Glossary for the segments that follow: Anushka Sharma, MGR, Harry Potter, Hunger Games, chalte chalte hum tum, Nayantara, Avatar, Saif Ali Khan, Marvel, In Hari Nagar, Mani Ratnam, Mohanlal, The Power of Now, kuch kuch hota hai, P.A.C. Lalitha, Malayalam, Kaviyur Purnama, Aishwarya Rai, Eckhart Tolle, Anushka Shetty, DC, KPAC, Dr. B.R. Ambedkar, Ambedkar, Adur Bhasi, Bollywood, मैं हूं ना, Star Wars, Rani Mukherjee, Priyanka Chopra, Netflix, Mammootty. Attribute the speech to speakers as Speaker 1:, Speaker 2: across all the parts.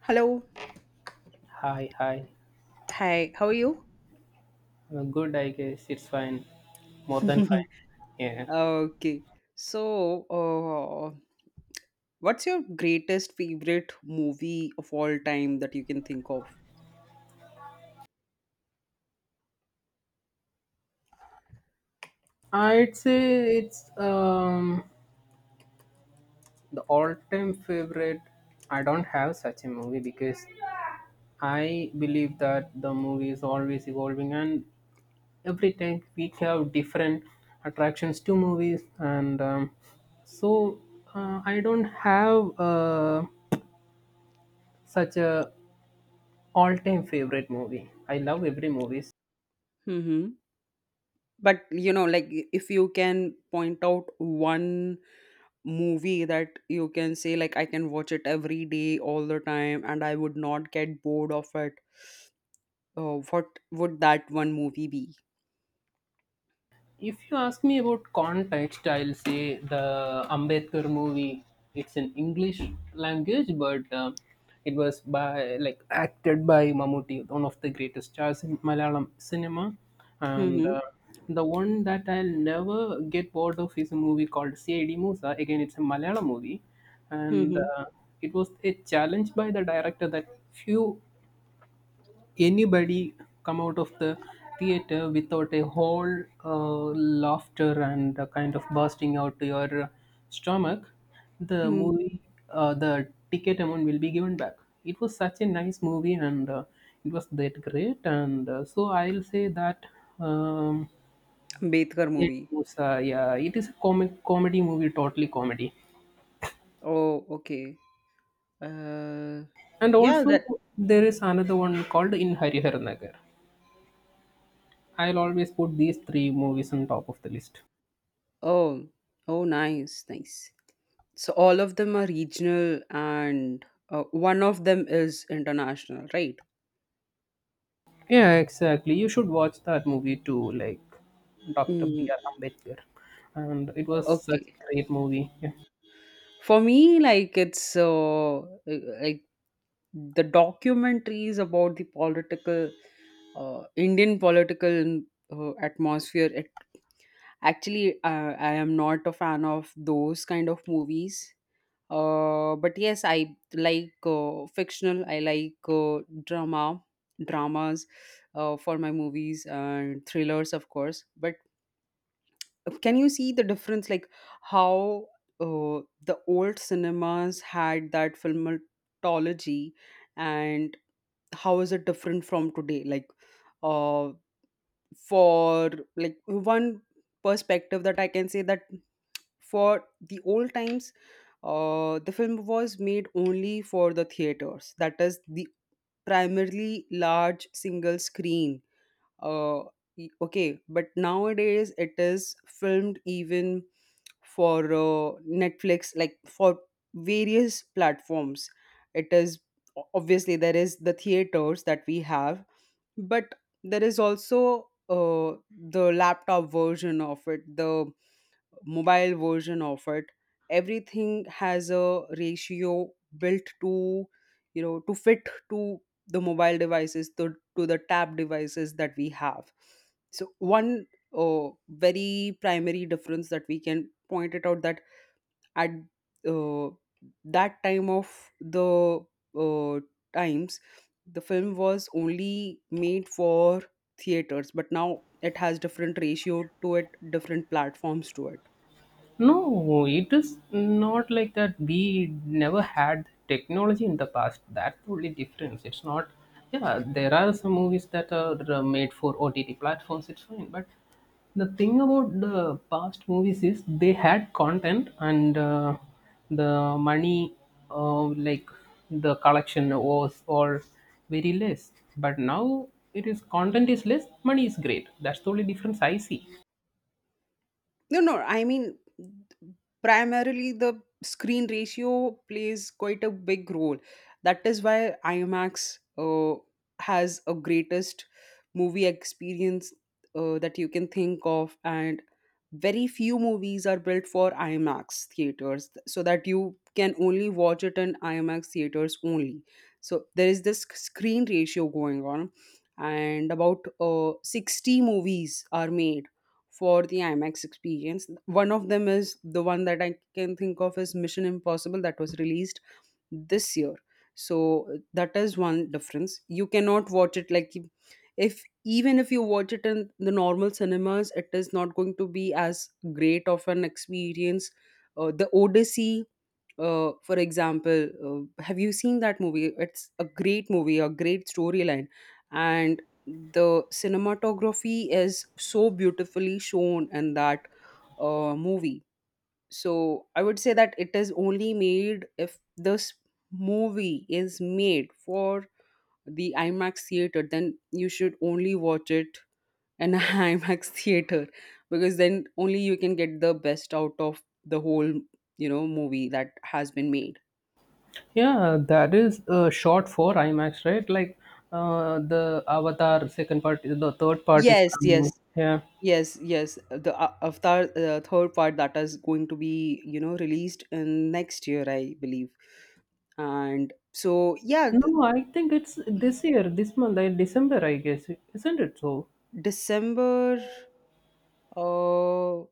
Speaker 1: Hello.
Speaker 2: Hi, hi.
Speaker 1: Hi. How are you?
Speaker 2: Good, I guess. It's fine. More than fine. Yeah.
Speaker 1: Okay. So, what's your greatest favorite movie of all time that you can think of?
Speaker 2: I'd say it's the all-time favorite. I don't have such a movie because I believe that the movie is always evolving and every time we have different attractions to movies, and so, I don't have such a all-time favorite movie. I love every movie.
Speaker 1: Hmm. But you know, like if you can point out one movie that you can say, like I can watch it every day, all the time, and I would not get bored of it. What would that one movie be?
Speaker 2: If you ask me about context, I'll say the Ambedkar movie. It's in English language, but it was by like acted by Mammootty, one of the greatest stars in Malayalam cinema, and
Speaker 1: Mm-hmm.
Speaker 2: the one that I'll never get bored of is a movie called C.I.D. Musa. Again, it's a Malayalam movie, and
Speaker 1: Mm-hmm.
Speaker 2: it was a challenge by the director that few anybody come out of the theater without a whole laughter and a kind of bursting out to your stomach, the
Speaker 1: Mm-hmm.
Speaker 2: movie, the ticket amount will be given back. It was such a nice movie, and it was that great. And so I'll say that um,
Speaker 1: Ambedkar
Speaker 2: it
Speaker 1: movie.
Speaker 2: was, yeah, it is a comic comedy movie, totally comedy.
Speaker 1: Oh, okay. Uh,
Speaker 2: And
Speaker 1: yeah,
Speaker 2: also
Speaker 1: that.
Speaker 2: there is another one called In Hari Nagar. I'll always put these three movies on top of the list.
Speaker 1: Oh, oh, nice, nice. So all of them are regional, and one of them is international, right?
Speaker 2: Yeah, exactly. You should watch that movie too, like Dr.
Speaker 1: Mm,
Speaker 2: B.R. Ambedkar. And it was such
Speaker 1: okay.
Speaker 2: a great movie. Yeah.
Speaker 1: For me, like it's like the documentaries about the political Indian political atmosphere. Actually, I am not a fan of those kind of movies. But yes, I like fictional. I like drama, dramas for my movies and thrillers, of course. But can you see the difference, like how the old cinemas had that filmatology, and how is it different from today? Like, uh, for like one perspective that I can say, that for the old times, the film was made only for the theaters. That is the primarily large single screen. Uh, okay, but nowadays it is filmed even for Netflix, like for various platforms. It is obviously there is the theaters that we have, but there is also the laptop version of it, the mobile version of it. Everything has a ratio built to, you know, to fit to the mobile devices, to the tab devices that we have. So one very primary difference that we can point it out, that at uh, that time of the uh, times, the film was only made for theaters, but now it has different ratio to it, different platforms to it.
Speaker 2: No, it is not like that. We never had technology in the past. That's only difference. It's not. Yeah, there are some movies that are made for OTT platforms. It's fine, but the thing about the past movies is they had content, and the money, like the collection was or very less. But now it is content is less, money is great. That's the only difference I see.
Speaker 1: No, no, I mean, primarily the screen ratio plays quite a big role. That is why IMAX has a greatest movie experience that you can think of, and very few movies are built for IMAX theaters, so that you can only watch it in IMAX theaters only. So there is this screen ratio going on, and about 60 movies are made for the IMAX experience. One of them, is the one that I can think of, is Mission Impossible, that was released this year. So that is one difference. You cannot watch it like, if even if you watch it in the normal cinemas, it is not going to be as great of an experience. The Odyssey, for example, have you seen that movie? It's a great movie, a great storyline, and the cinematography is so beautifully shown in that movie. So I would say that it is only made, if this movie is made for the IMAX theater, then you should only watch it in an IMAX theater, because then only you can get the best out of the whole, you know, movie that has been made.
Speaker 2: Yeah, that is short for IMAX, right? Like, the Avatar second part, the third part is
Speaker 1: Yes,
Speaker 2: coming
Speaker 1: yes.
Speaker 2: out. Yeah.
Speaker 1: Yes, yes, the Avatar third part, that is going to be, you know, released in next year, I believe. And so yeah,
Speaker 2: No, I think it's this year, this month, like December, I guess, isn't it? So,
Speaker 1: December. Uh,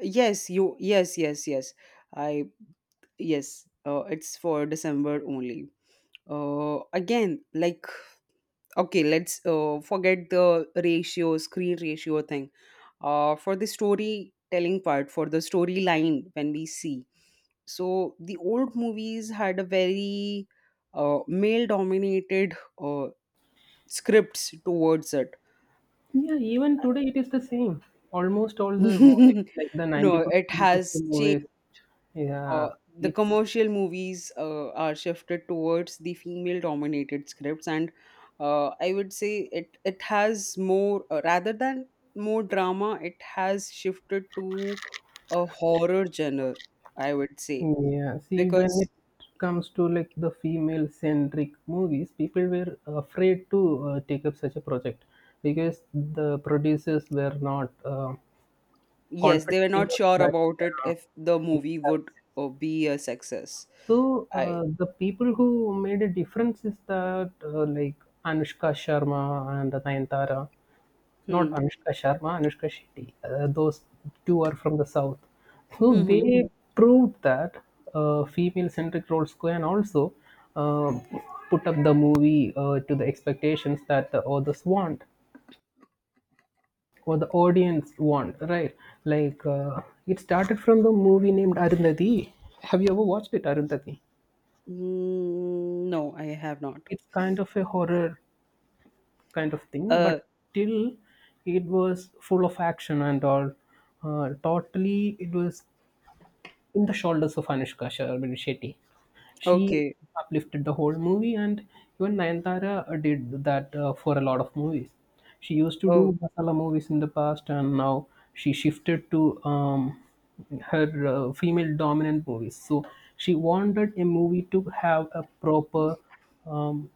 Speaker 1: yes, you. Yes, yes, yes. I yes. It's for December only. Again, like, okay, let's forget the ratio, screen ratio thing. For the storytelling part, for the storyline when we see. So the old movies had a very male-dominated uh, scripts towards it.
Speaker 2: yeah, even today it is the same. Almost all the movies, like the
Speaker 1: No, it
Speaker 2: 90% of the
Speaker 1: has.
Speaker 2: movies.
Speaker 1: Uh,
Speaker 2: Yeah,
Speaker 1: the
Speaker 2: it's.
Speaker 1: commercial movies are shifted towards the female dominated scripts. And I would say it has more rather than more drama, it has shifted to a horror genre, I would say.
Speaker 2: Yeah, see, when
Speaker 1: Because
Speaker 2: it comes to like the female centric movies, people were afraid to take up such a project because the producers were not
Speaker 1: yes,
Speaker 2: confident
Speaker 1: they were not
Speaker 2: enough
Speaker 1: sure
Speaker 2: that
Speaker 1: about it
Speaker 2: yeah,
Speaker 1: if the
Speaker 2: it's
Speaker 1: movie would
Speaker 2: success.
Speaker 1: be a success.
Speaker 2: So,
Speaker 1: I
Speaker 2: the people who made a difference is that like Anushka Sharma and Nayantara, not
Speaker 1: Hmm.
Speaker 2: Anushka Sharma, Anushka Shetty. Those two are from the south. So
Speaker 1: Hmm. Hmm.
Speaker 2: they proved that female-centric roles can also uh, put up the movie to the expectations that the authors want or the audience want, right? Like, it started from the movie named Arundhati. Have you ever watched it, Arundhati?
Speaker 1: Mm, no, I have not.
Speaker 2: It's kind of a horror kind of thing,
Speaker 1: Uh,
Speaker 2: but still it was full of action and all. Totally, it was in the shoulders of Anushka Shetty. She
Speaker 1: okay.
Speaker 2: uplifted the whole movie, and even Nayantara did that for a lot of movies. She used to
Speaker 1: Oh,
Speaker 2: do masala movies in the past, and now she shifted to her female dominant movies. So she wanted a movie to have a proper um,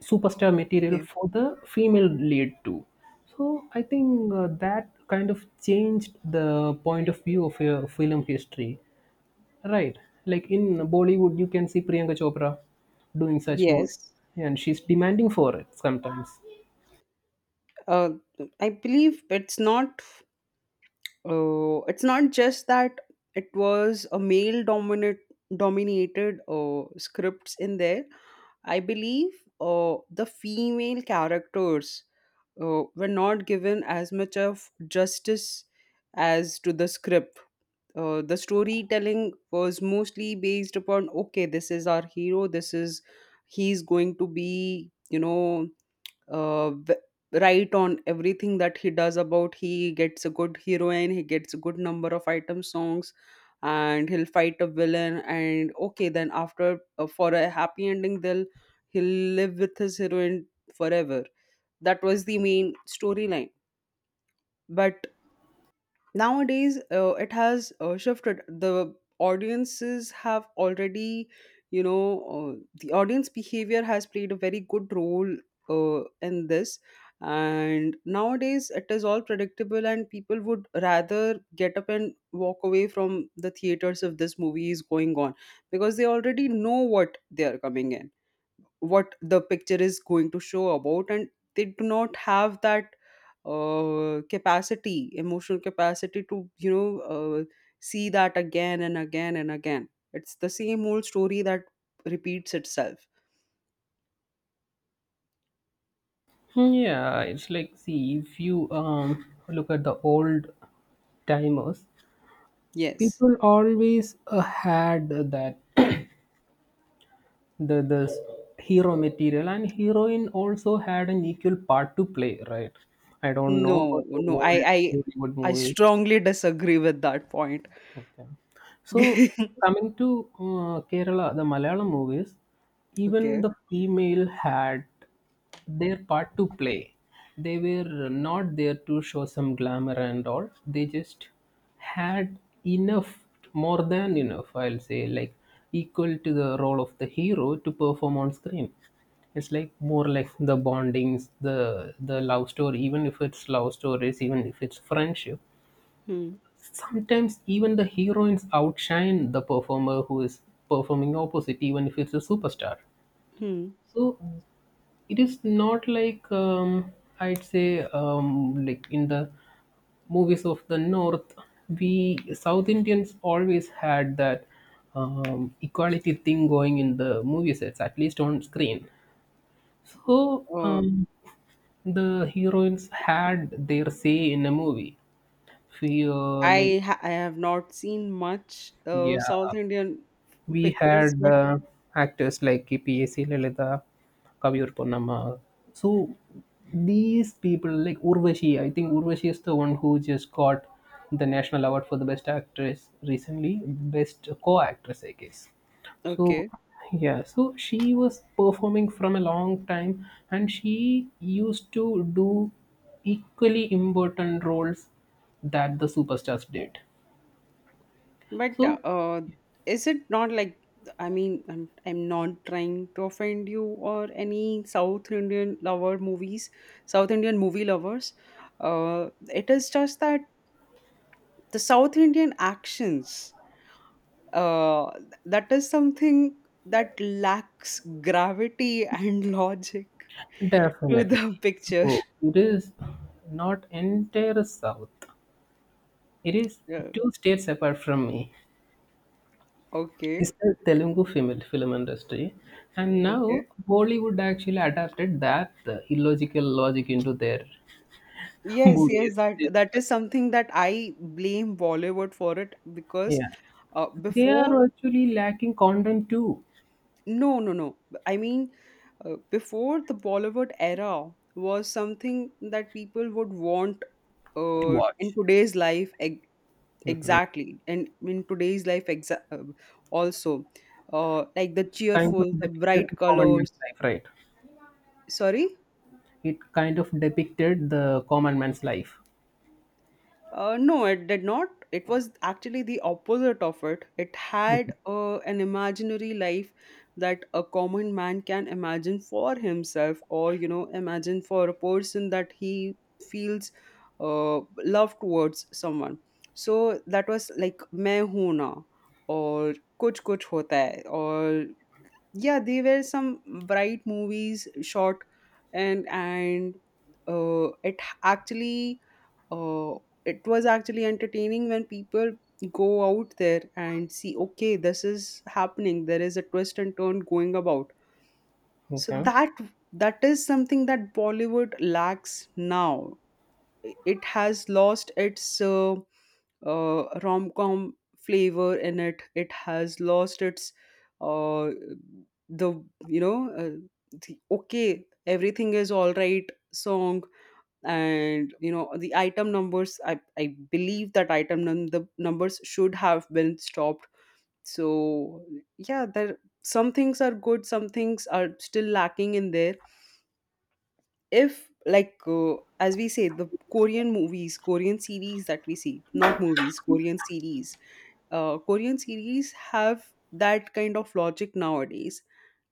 Speaker 2: superstar material
Speaker 1: okay.
Speaker 2: for the female lead too. So I think that kind of changed the point of view of your film history. Right. Like in Bollywood, you can see Priyanka Chopra doing such movies,
Speaker 1: Yes.
Speaker 2: and she's demanding for it sometimes.
Speaker 1: uh, I believe it's not, it's not just that it was a male dominant dominated scripts in there. I believe the female characters were not given as much of justice as to the script. The storytelling was mostly based upon, okay, this is our hero. This, is he's going to be, you know, uh, v- right on everything that he does about. He gets a good heroine, he gets a good number of item songs, and he'll fight a villain. And okay, then after, for a happy ending, they'll he'll live with his heroine forever. That was the main storyline. But nowadays it has shifted. The audiences have already, you know, uh, the audience behavior has played a very good role in this. And nowadays it is all predictable, and people would rather get up and walk away from the theaters if this movie is going on, because they already know what they are coming in, what the picture is going to show about. And they do not have that capacity, emotional capacity, to, you know, see that again and again and again. It's the same old story that repeats itself.
Speaker 2: Hmm. Yeah, it's like see if you look at the old timers,
Speaker 1: Yes.
Speaker 2: people always had that the hero material and heroine also had an equal part to play, right? I don't
Speaker 1: No,
Speaker 2: know about the
Speaker 1: no, i
Speaker 2: old
Speaker 1: i
Speaker 2: Bollywood
Speaker 1: i
Speaker 2: movies.
Speaker 1: strongly disagree with that point.
Speaker 2: Okay. So, coming to Kerala, the Malayalam movies, even
Speaker 1: Okay.
Speaker 2: the female had their part to play. They were not there to show some glamour and all. They just had enough, more than enough, I'll say, like equal to the role of the hero to perform on screen. It's like more like the bondings, the love story, even if it's love stories, even if it's friendship.
Speaker 1: Hmm.
Speaker 2: Sometimes even the heroines outshine the performer who is performing opposite, even if it's a superstar.
Speaker 1: Hmm.
Speaker 2: So it is not like, I'd say, like in the movies of the north, we South Indians always had that equality thing going in the movie sets, at least on screen. So
Speaker 1: Uh,
Speaker 2: the heroines had their say in a movie feel like.
Speaker 1: I have not seen much
Speaker 2: Yeah,
Speaker 1: South Indian
Speaker 2: we
Speaker 1: pictures,
Speaker 2: had
Speaker 1: but
Speaker 2: actors like P.A.C. Lalitha, Kaviyur Purnama. So these people like Urvashi, I think Urvashi is the one who just got the national award for the best actress recently, best co-actress, I guess. So
Speaker 1: okay.
Speaker 2: yeah, so she was performing from a long time, and she used to do equally important roles that the superstars did.
Speaker 1: But
Speaker 2: So
Speaker 1: is it not like, I mean, I'm not trying to offend you or any South Indian lover movies, South Indian movie lovers. It is just that the South Indian actions, uh, that is something that lacks gravity and logic to the
Speaker 2: definitely.
Speaker 1: picture.
Speaker 2: So it is not entire South. It is
Speaker 1: Yeah.
Speaker 2: two states apart from me.
Speaker 1: Okay.
Speaker 2: It's the Telugu film industry. And now
Speaker 1: Okay.
Speaker 2: Bollywood actually adapted that illogical logic into their
Speaker 1: Yes, yes,
Speaker 2: movies.
Speaker 1: that that is something that I blame Bollywood for, it because
Speaker 2: Yeah. They
Speaker 1: before
Speaker 2: are actually lacking content too
Speaker 1: No, no, no. I mean, before the Bollywood era was something that people would want
Speaker 2: to
Speaker 1: in
Speaker 2: watch.
Speaker 1: today's life. Exactly, and in today's life, also, like the
Speaker 2: Kind of
Speaker 1: cheerful, the
Speaker 2: depicted
Speaker 1: bright
Speaker 2: the common man's
Speaker 1: colors.
Speaker 2: life, right?
Speaker 1: Sorry.
Speaker 2: It kind of depicted the common man's life.
Speaker 1: No, it did not. It was actually the opposite of it. It had an imaginary life that a common man can imagine for himself, or, you know, imagine for a person that he feels love towards someone. So that was like "मैं हूं ना" or Kuch Kuch Hota Hai. Or yeah, they were some bright movies shot. And it actually, uh, it was actually entertaining when people go out there and see, okay, this is happening, there is a twist and turn going about. So
Speaker 2: Okay.
Speaker 1: that, that is something that Bollywood lacks now. I- it has lost its rom-com flavor in it. It has lost its uh, the you know, uh, the, okay, everything is all right song, and you know, the item numbers. I believe that the numbers should have been stopped. So yeah, there, some things are good, some things are still lacking in there. If like, as we say, the Korean movies, Korean series that we see, not movies, Korean series. Korean series have that kind of logic nowadays.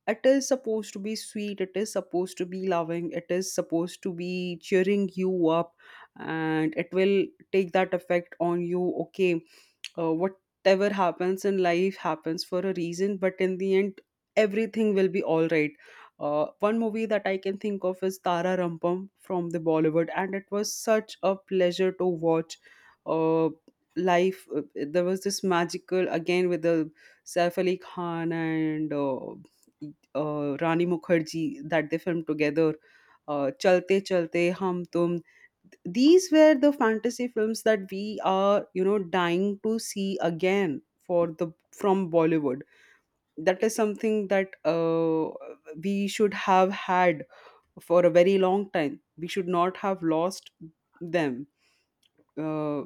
Speaker 1: It is supposed to be sweet, it is supposed to be loving, it is supposed to be cheering you up, and it will take that effect on you. Okay, whatever happens in life happens for a reason, but in the end, everything will be all right. One movie that I can think of is Tara Rampam from the Bollywood, and it was such a pleasure to watch. uh, Life, there was this magical again with the Saif Ali Khan and Rani Mukherjee that they filmed together. Chalte Chalte Hum Tum, these were the fantasy films that we are, you know, dying to see again for the, from Bollywood. That is something that we should have had for a very long time. We should not have lost them. uh,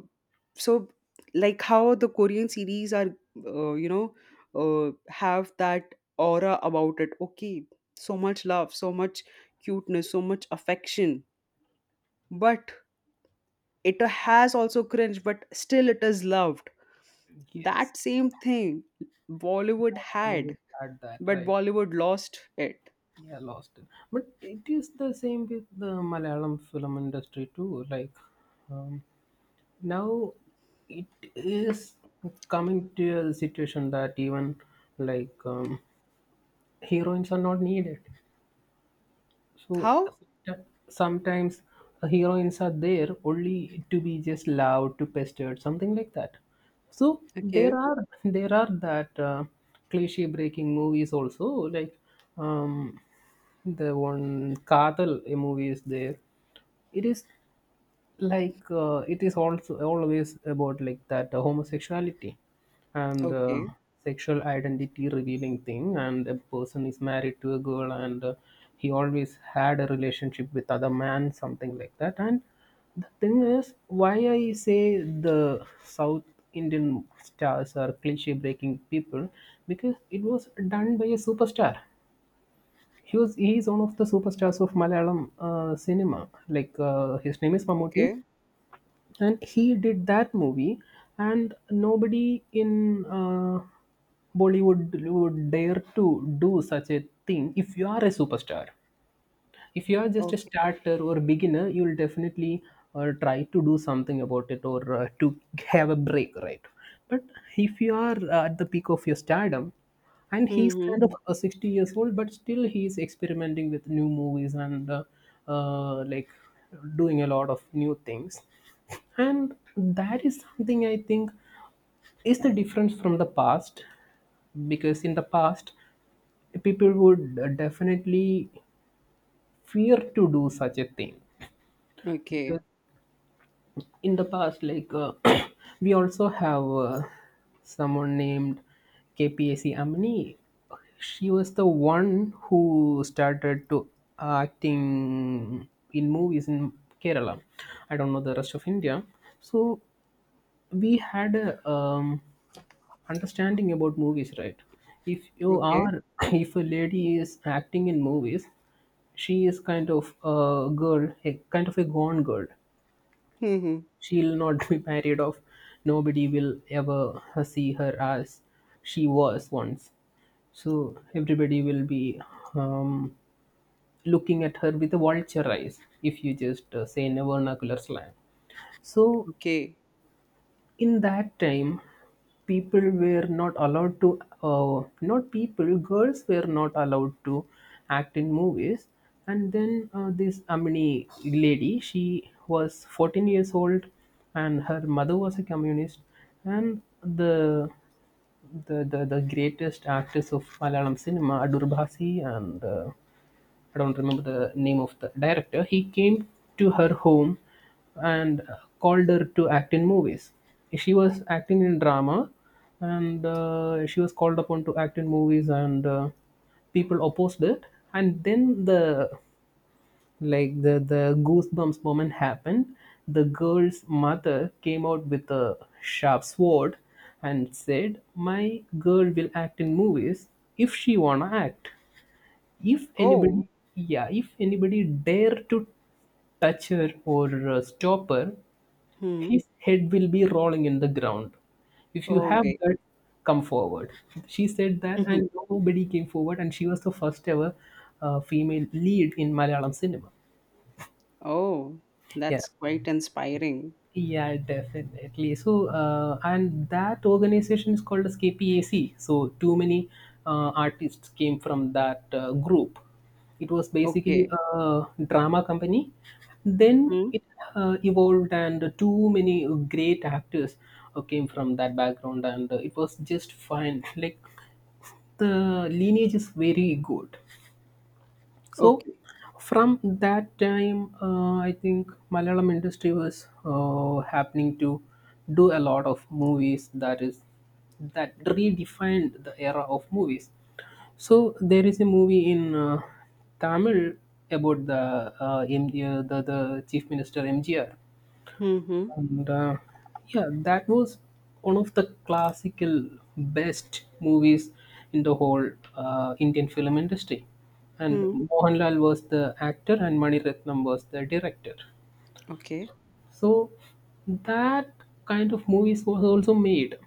Speaker 1: so, like how the Korean series are uh, you know have that aura about it. Okay, so much love, so much cuteness, so much affection, but it has also cringe, but still it is loved.
Speaker 2: Yes.
Speaker 1: That same thing Bollywood had,
Speaker 2: Bollywood had that,
Speaker 1: but
Speaker 2: right?
Speaker 1: Bollywood lost it.
Speaker 2: Yeah, lost it. But it is the same with the Malayalam film industry too. Like, um, now, it is coming to a situation that even like, heroines are not needed. So
Speaker 1: How?
Speaker 2: sometimes, heroines are there only to be just loud, to pestered, something like that. So there
Speaker 1: Okay.
Speaker 2: are there are that cliche breaking movies also, like, um, the one Kadal a movie is there. It is like, it is also always about like that homosexuality and
Speaker 1: Okay.
Speaker 2: sexual identity revealing thing, and a person is married to a girl, and he always had a relationship with other man, something like that. And the thing is why I say the South Indian stars are cliche breaking people, because it was done by a superstar. He is one of the superstars of Malayalam cinema. Like, his name is Mammootty,
Speaker 1: Okay.
Speaker 2: and he did that movie. And nobody in Bollywood would dare to do such a thing. If you are a superstar, if you are just a
Speaker 1: Okay.
Speaker 2: starter or a beginner, you will definitely try to do something about it, or to have a break, right? But if you are at the peak of your stardom, and he's
Speaker 1: Hmm.
Speaker 2: kind of 60 years old, but still he's experimenting with new movies and, like, doing a lot of new things. And that is something I think is the difference from the past. Because in the past, people would definitely fear to do such a thing.
Speaker 1: Okay.
Speaker 2: Because in the past, like, we also have someone named KPAC Amini. She was the one who started to acting in movies in Kerala. I don't know the rest of India. So we had a um, understanding about movies, right? If you
Speaker 1: Okay.
Speaker 2: are, if a lady is acting in movies, she is kind of a girl, a kind of a gone girl.
Speaker 1: Hmm.
Speaker 2: She'll not be married off. Nobody will ever see her as she was once. So everybody will be um, looking at her with a vulture eyes, if you just say, in a vernacular slang. So
Speaker 1: Okay.
Speaker 2: in that time, people were not allowed to, not people, girls were not allowed to act in movies. And then, this Amini lady, she was 14 years old, and her mother was a communist. And the greatest actors of Malayalam cinema, Adur Bhasi, and I don't remember the name of the director, he came to her home, and called her to act in movies. She was acting in drama, and she was called upon to act in movies. And people opposed it. And then, the goosebumps moment happened. The girl's mother came out with a sharp sword and said, my girl will act in movies if she wanna act. If anybody,
Speaker 1: Oh.
Speaker 2: yeah, if anybody dare to touch her or stop her,
Speaker 1: Hmm.
Speaker 2: his head will be rolling in the ground. If you have
Speaker 1: Okay.
Speaker 2: that, come forward. She said that,
Speaker 1: Hmm.
Speaker 2: and nobody came forward. And she was the first ever female lead in Malayalam cinema.
Speaker 1: Oh,
Speaker 2: Yeah.
Speaker 1: that's quite inspiring.
Speaker 2: Yeah, definitely. So, and that organization is called as KPAC. So, too many artists came from that group. It was basically
Speaker 1: Okay.
Speaker 2: a drama company. Then
Speaker 1: Hmm.
Speaker 2: it evolved, and too many great actors came from that background, and it was just fine. Like, the lineage is very good. So
Speaker 1: Okay.
Speaker 2: from that time, I think Malayalam industry was happening to do a lot of movies that redefined the era of movies. So there is a movie in Tamil about the M- the Chief Minister MGR.
Speaker 1: Hmm.
Speaker 2: And yeah, that was one of the classical best movies in the whole Indian film industry. And
Speaker 1: Hmm.
Speaker 2: Mohanlal was the actor, and Mani Ratnam was the director.
Speaker 1: Okay.
Speaker 2: So that kind of movies was also made,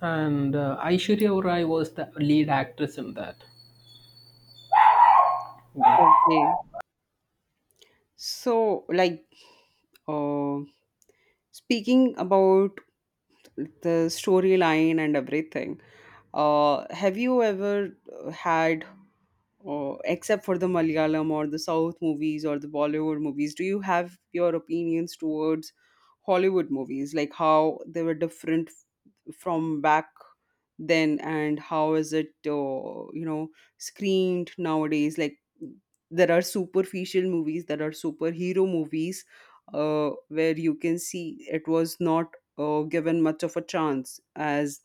Speaker 2: and Aishwarya Rai was the lead actress in that.
Speaker 1: Okay, so like, uh, speaking about the storyline and everything. Have you ever had, or except for the Malayalam or the South movies or the Bollywood movies, do you have your opinions towards Hollywood movies? Like how they were different from back then and how is it, you know, screened nowadays? Like there are superficial movies, there are superhero movies where you can see it was not given much of a chance as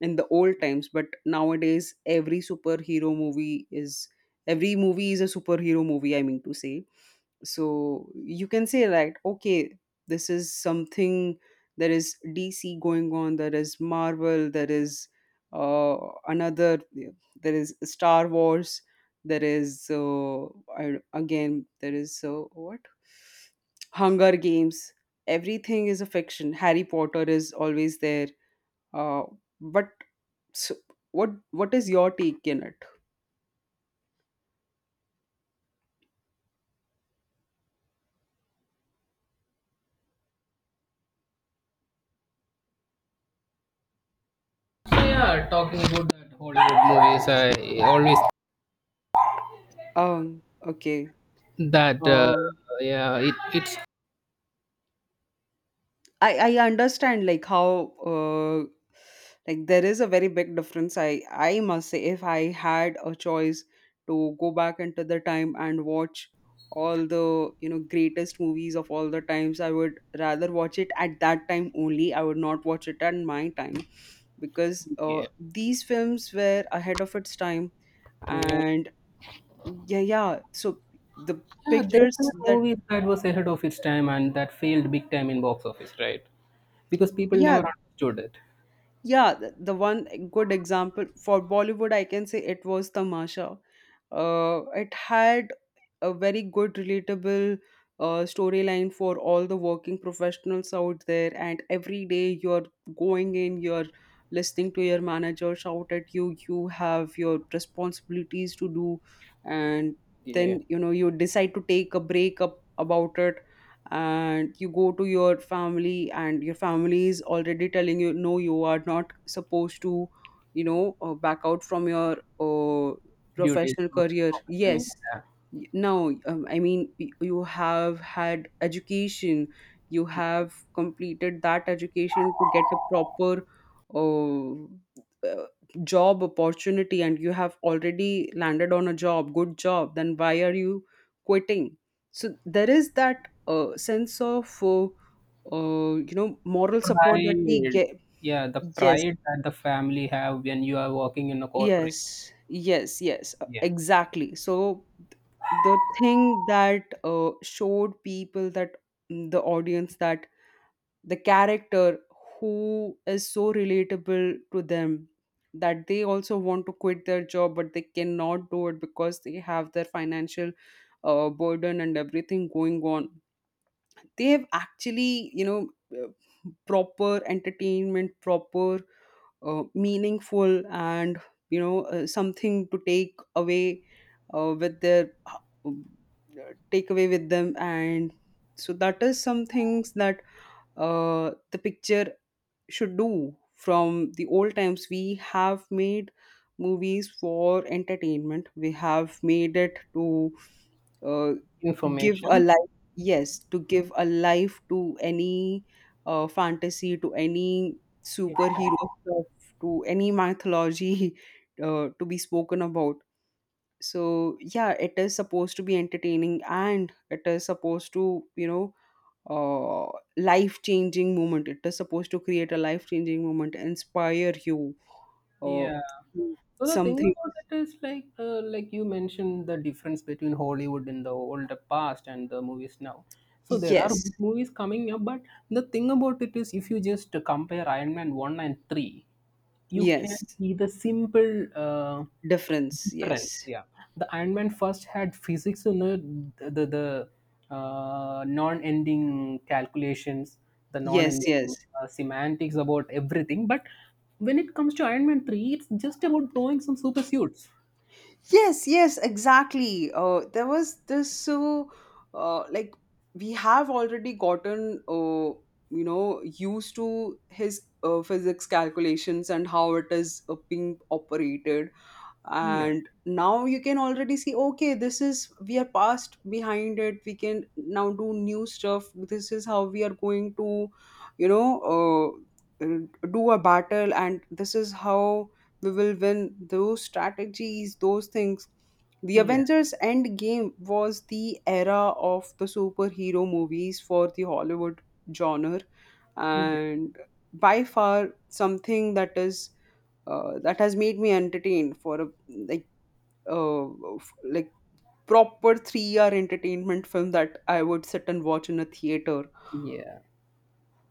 Speaker 1: in the old times, but nowadays every superhero movie is every movie is a superhero movie, I mean to say. So you can say like, okay, this is something. There is DC going on, there is Marvel, there is uh, another, there is Star Wars, there is I, again there is what Hunger Games. Everything is a fiction. Harry Potter is always there. uh, but so, what is your take in it?
Speaker 2: So yeah, talking about that Hollywood movies, I always
Speaker 1: um okay.
Speaker 2: that
Speaker 1: Um.
Speaker 2: yeah, it's
Speaker 1: I I understand like how like there is a very big difference. I must say if I had a choice to go back into the time and watch all the, you know, greatest movies of all the times, I would rather watch it at that time only. I would not watch it at my time because
Speaker 2: yeah.
Speaker 1: these films were ahead of its time.
Speaker 2: Yeah.
Speaker 1: And yeah, yeah, so the
Speaker 2: Yeah, there
Speaker 1: pictures
Speaker 2: were
Speaker 1: that,
Speaker 2: movies that was ahead of its time and that failed big time in box office, right? Because people
Speaker 1: yeah.
Speaker 2: never understood it.
Speaker 1: Yeah, the one good example for Bollywood, I can say, it was Tamasha. It had a very good, relatable storyline for all the working professionals out there. And every day you're going in, you're listening to your manager shout at you, you have your responsibilities to do, and
Speaker 2: Yeah,
Speaker 1: then, you know, you decide to take a break up about it and you go to your family, and your family is already telling you, no, you are not supposed to, you know, back out from your
Speaker 2: duties
Speaker 1: professional
Speaker 2: of
Speaker 1: career,
Speaker 2: profession.
Speaker 1: yes.
Speaker 2: Yeah.
Speaker 1: Now I mean, you have had education, you have completed that education to get a proper uh, uh, job opportunity, and you have already landed on a job, good job, then why are you quitting? So there is that sense of you know, moral support that we
Speaker 2: Pride.
Speaker 1: get,
Speaker 2: Yeah, the
Speaker 1: yes.
Speaker 2: pride that the family have when you are working in a corporate.
Speaker 1: Yes, yes, yes,
Speaker 2: Yeah,
Speaker 1: exactly. So the thing that showed people that, mm, the audience that the character who is so relatable to them, that they also want to quit their job but they cannot do it because they have their financial burden and everything going on. They have actually, you know, proper entertainment, proper meaningful and, you know, something to take away uh, with their uh, with them. And so that is some things that the picture should do. From the old times we have made movies for entertainment, we have made it to uh, give a
Speaker 2: information.
Speaker 1: life, yes, to give a life to any fantasy, to any
Speaker 2: It's.
Speaker 1: superhero stuff, to any mythology to be spoken about. So yeah, it is supposed to be entertaining and it is supposed to, you know, uh life changing moment, it is supposed to create a life changing moment, inspire you uh,
Speaker 2: Yeah.
Speaker 1: to
Speaker 2: So the thing
Speaker 1: something.
Speaker 2: about it is like, like you mentioned the difference between Hollywood in the older past and the movies now. So there are
Speaker 1: Yes,
Speaker 2: good movies coming up. But the thing about it is if you just compare Iron Man one and three, you can
Speaker 1: yes.
Speaker 2: see the simple
Speaker 1: Difference, yes.
Speaker 2: difference, yeah. The Iron Man first had physics, the non-ending calculations, the
Speaker 1: Yes, yes.
Speaker 2: non-ending semantics about everything. But when it comes to Iron Man 3, it's just about blowing some super suits.
Speaker 1: Yes, yes, exactly. There was this, so like we have already gotten you know, used to his physics calculations and how it is being operated,
Speaker 2: Yeah,
Speaker 1: and now you can already see, okay, this is we are past behind it, we can now do new stuff, this is how we are going to, you know, uh, do a battle, and this is how we will win, those strategies, those things. The
Speaker 2: yeah,
Speaker 1: Avengers End Game was the era of the superhero movies for the Hollywood genre,
Speaker 2: yeah.
Speaker 1: and by far something that is that has made me entertained for a, like, uh, like proper 3 hour entertainment film that I would sit and watch in a theater.
Speaker 2: Yeah.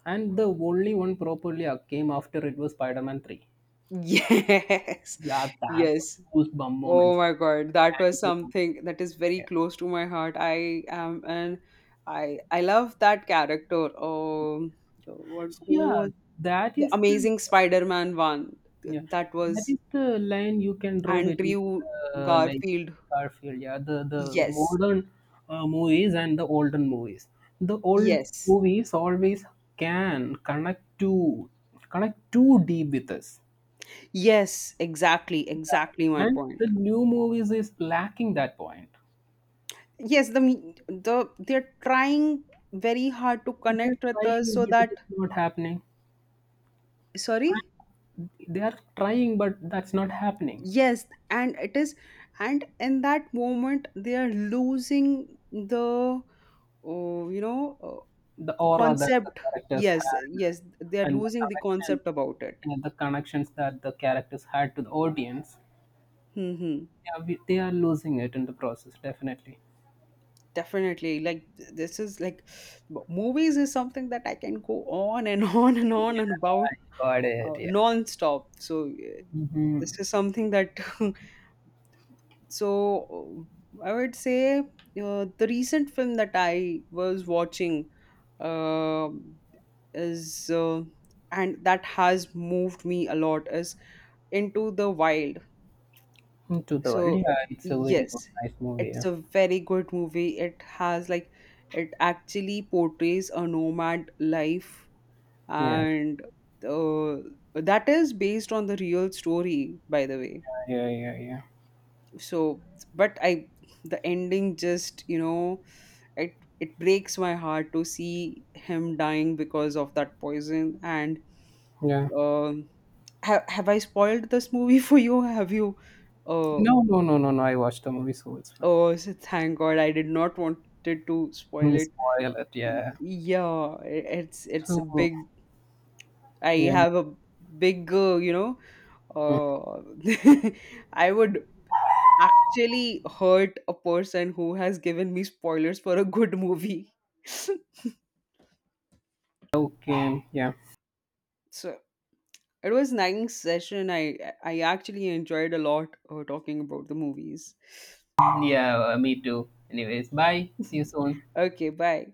Speaker 2: And the only one properly came after it was Spider-Man 3.
Speaker 1: Yes,
Speaker 2: Yeah, that was
Speaker 1: yes.
Speaker 2: goosebump
Speaker 1: Oh
Speaker 2: moments.
Speaker 1: my God, that was
Speaker 2: And,
Speaker 1: something that is very
Speaker 2: yeah.
Speaker 1: close to my heart. I am, and I love that character. What
Speaker 2: So
Speaker 1: who
Speaker 2: yeah,
Speaker 1: was
Speaker 2: that
Speaker 1: the
Speaker 2: is the
Speaker 1: Amazing Spider-Man one?
Speaker 2: yeah,
Speaker 1: That
Speaker 2: that
Speaker 1: was
Speaker 2: is the line you can draw between,
Speaker 1: Andrew
Speaker 2: like,
Speaker 1: Garfield.
Speaker 2: Garfield, yeah, the
Speaker 1: Yes,
Speaker 2: modern movies and the olden movies. The old
Speaker 1: yes.
Speaker 2: movies always can connect to connect too deep with us,
Speaker 1: Yes, exactly, exactly my
Speaker 2: yeah. And the
Speaker 1: point.
Speaker 2: new movies is lacking that point.
Speaker 1: Yes, the they're trying very hard to
Speaker 2: They're
Speaker 1: connect with
Speaker 2: trying,
Speaker 1: us so
Speaker 2: but it
Speaker 1: that,
Speaker 2: is not happening.
Speaker 1: sorry?
Speaker 2: They are trying, but that's not happening.
Speaker 1: Yes, and it is, and in that moment they are losing the, oh, you know,
Speaker 2: The aura that the
Speaker 1: concept.
Speaker 2: characters
Speaker 1: Yes,
Speaker 2: had,
Speaker 1: yes, they are
Speaker 2: and
Speaker 1: losing the concept about it.
Speaker 2: the connections that the characters had to the audience.
Speaker 1: Mm-hmm.
Speaker 2: Yeah, they are losing it in the process, definitely.
Speaker 1: Definitely. Like this is like, movies is something that I can go on and on and
Speaker 2: Yeah,
Speaker 1: about,
Speaker 2: I got it. Yeah.
Speaker 1: non-stop. So
Speaker 2: Mm-hmm.
Speaker 1: this is something that so I would say the recent film that I was watching, um is, and that has moved me a lot, is Into the Wild.
Speaker 2: Into the world,
Speaker 1: So
Speaker 2: yeah, it's a very good
Speaker 1: yes,
Speaker 2: nice movie.
Speaker 1: it's
Speaker 2: Yeah,
Speaker 1: a very good movie, it has like, it actually portrays a nomad life,
Speaker 2: yeah,
Speaker 1: and uh, that is based on the real story, by the way.
Speaker 2: yeah. Yeah, yeah,
Speaker 1: So but I, the ending just, you know, it breaks my heart to see him dying because of that poison, and
Speaker 2: yeah.
Speaker 1: um have I spoiled this movie for you, have you uh
Speaker 2: No, no, no, no, no, I watched the movie, so it's fine.
Speaker 1: oh, so thank God, I did not wanted to spoil
Speaker 2: Hmm,
Speaker 1: it.
Speaker 2: spoil it, yeah.
Speaker 1: Yeah, it's a
Speaker 2: So,
Speaker 1: big, I
Speaker 2: yeah.
Speaker 1: have a big you know, uh I would actually hurt a person who has given me spoilers for a good movie.
Speaker 2: Okay. Yeah,
Speaker 1: So it was nice session. I actually enjoyed a lot talking about the movies.
Speaker 2: yeah, me too. Anyways, bye, see you soon.
Speaker 1: Okay, bye.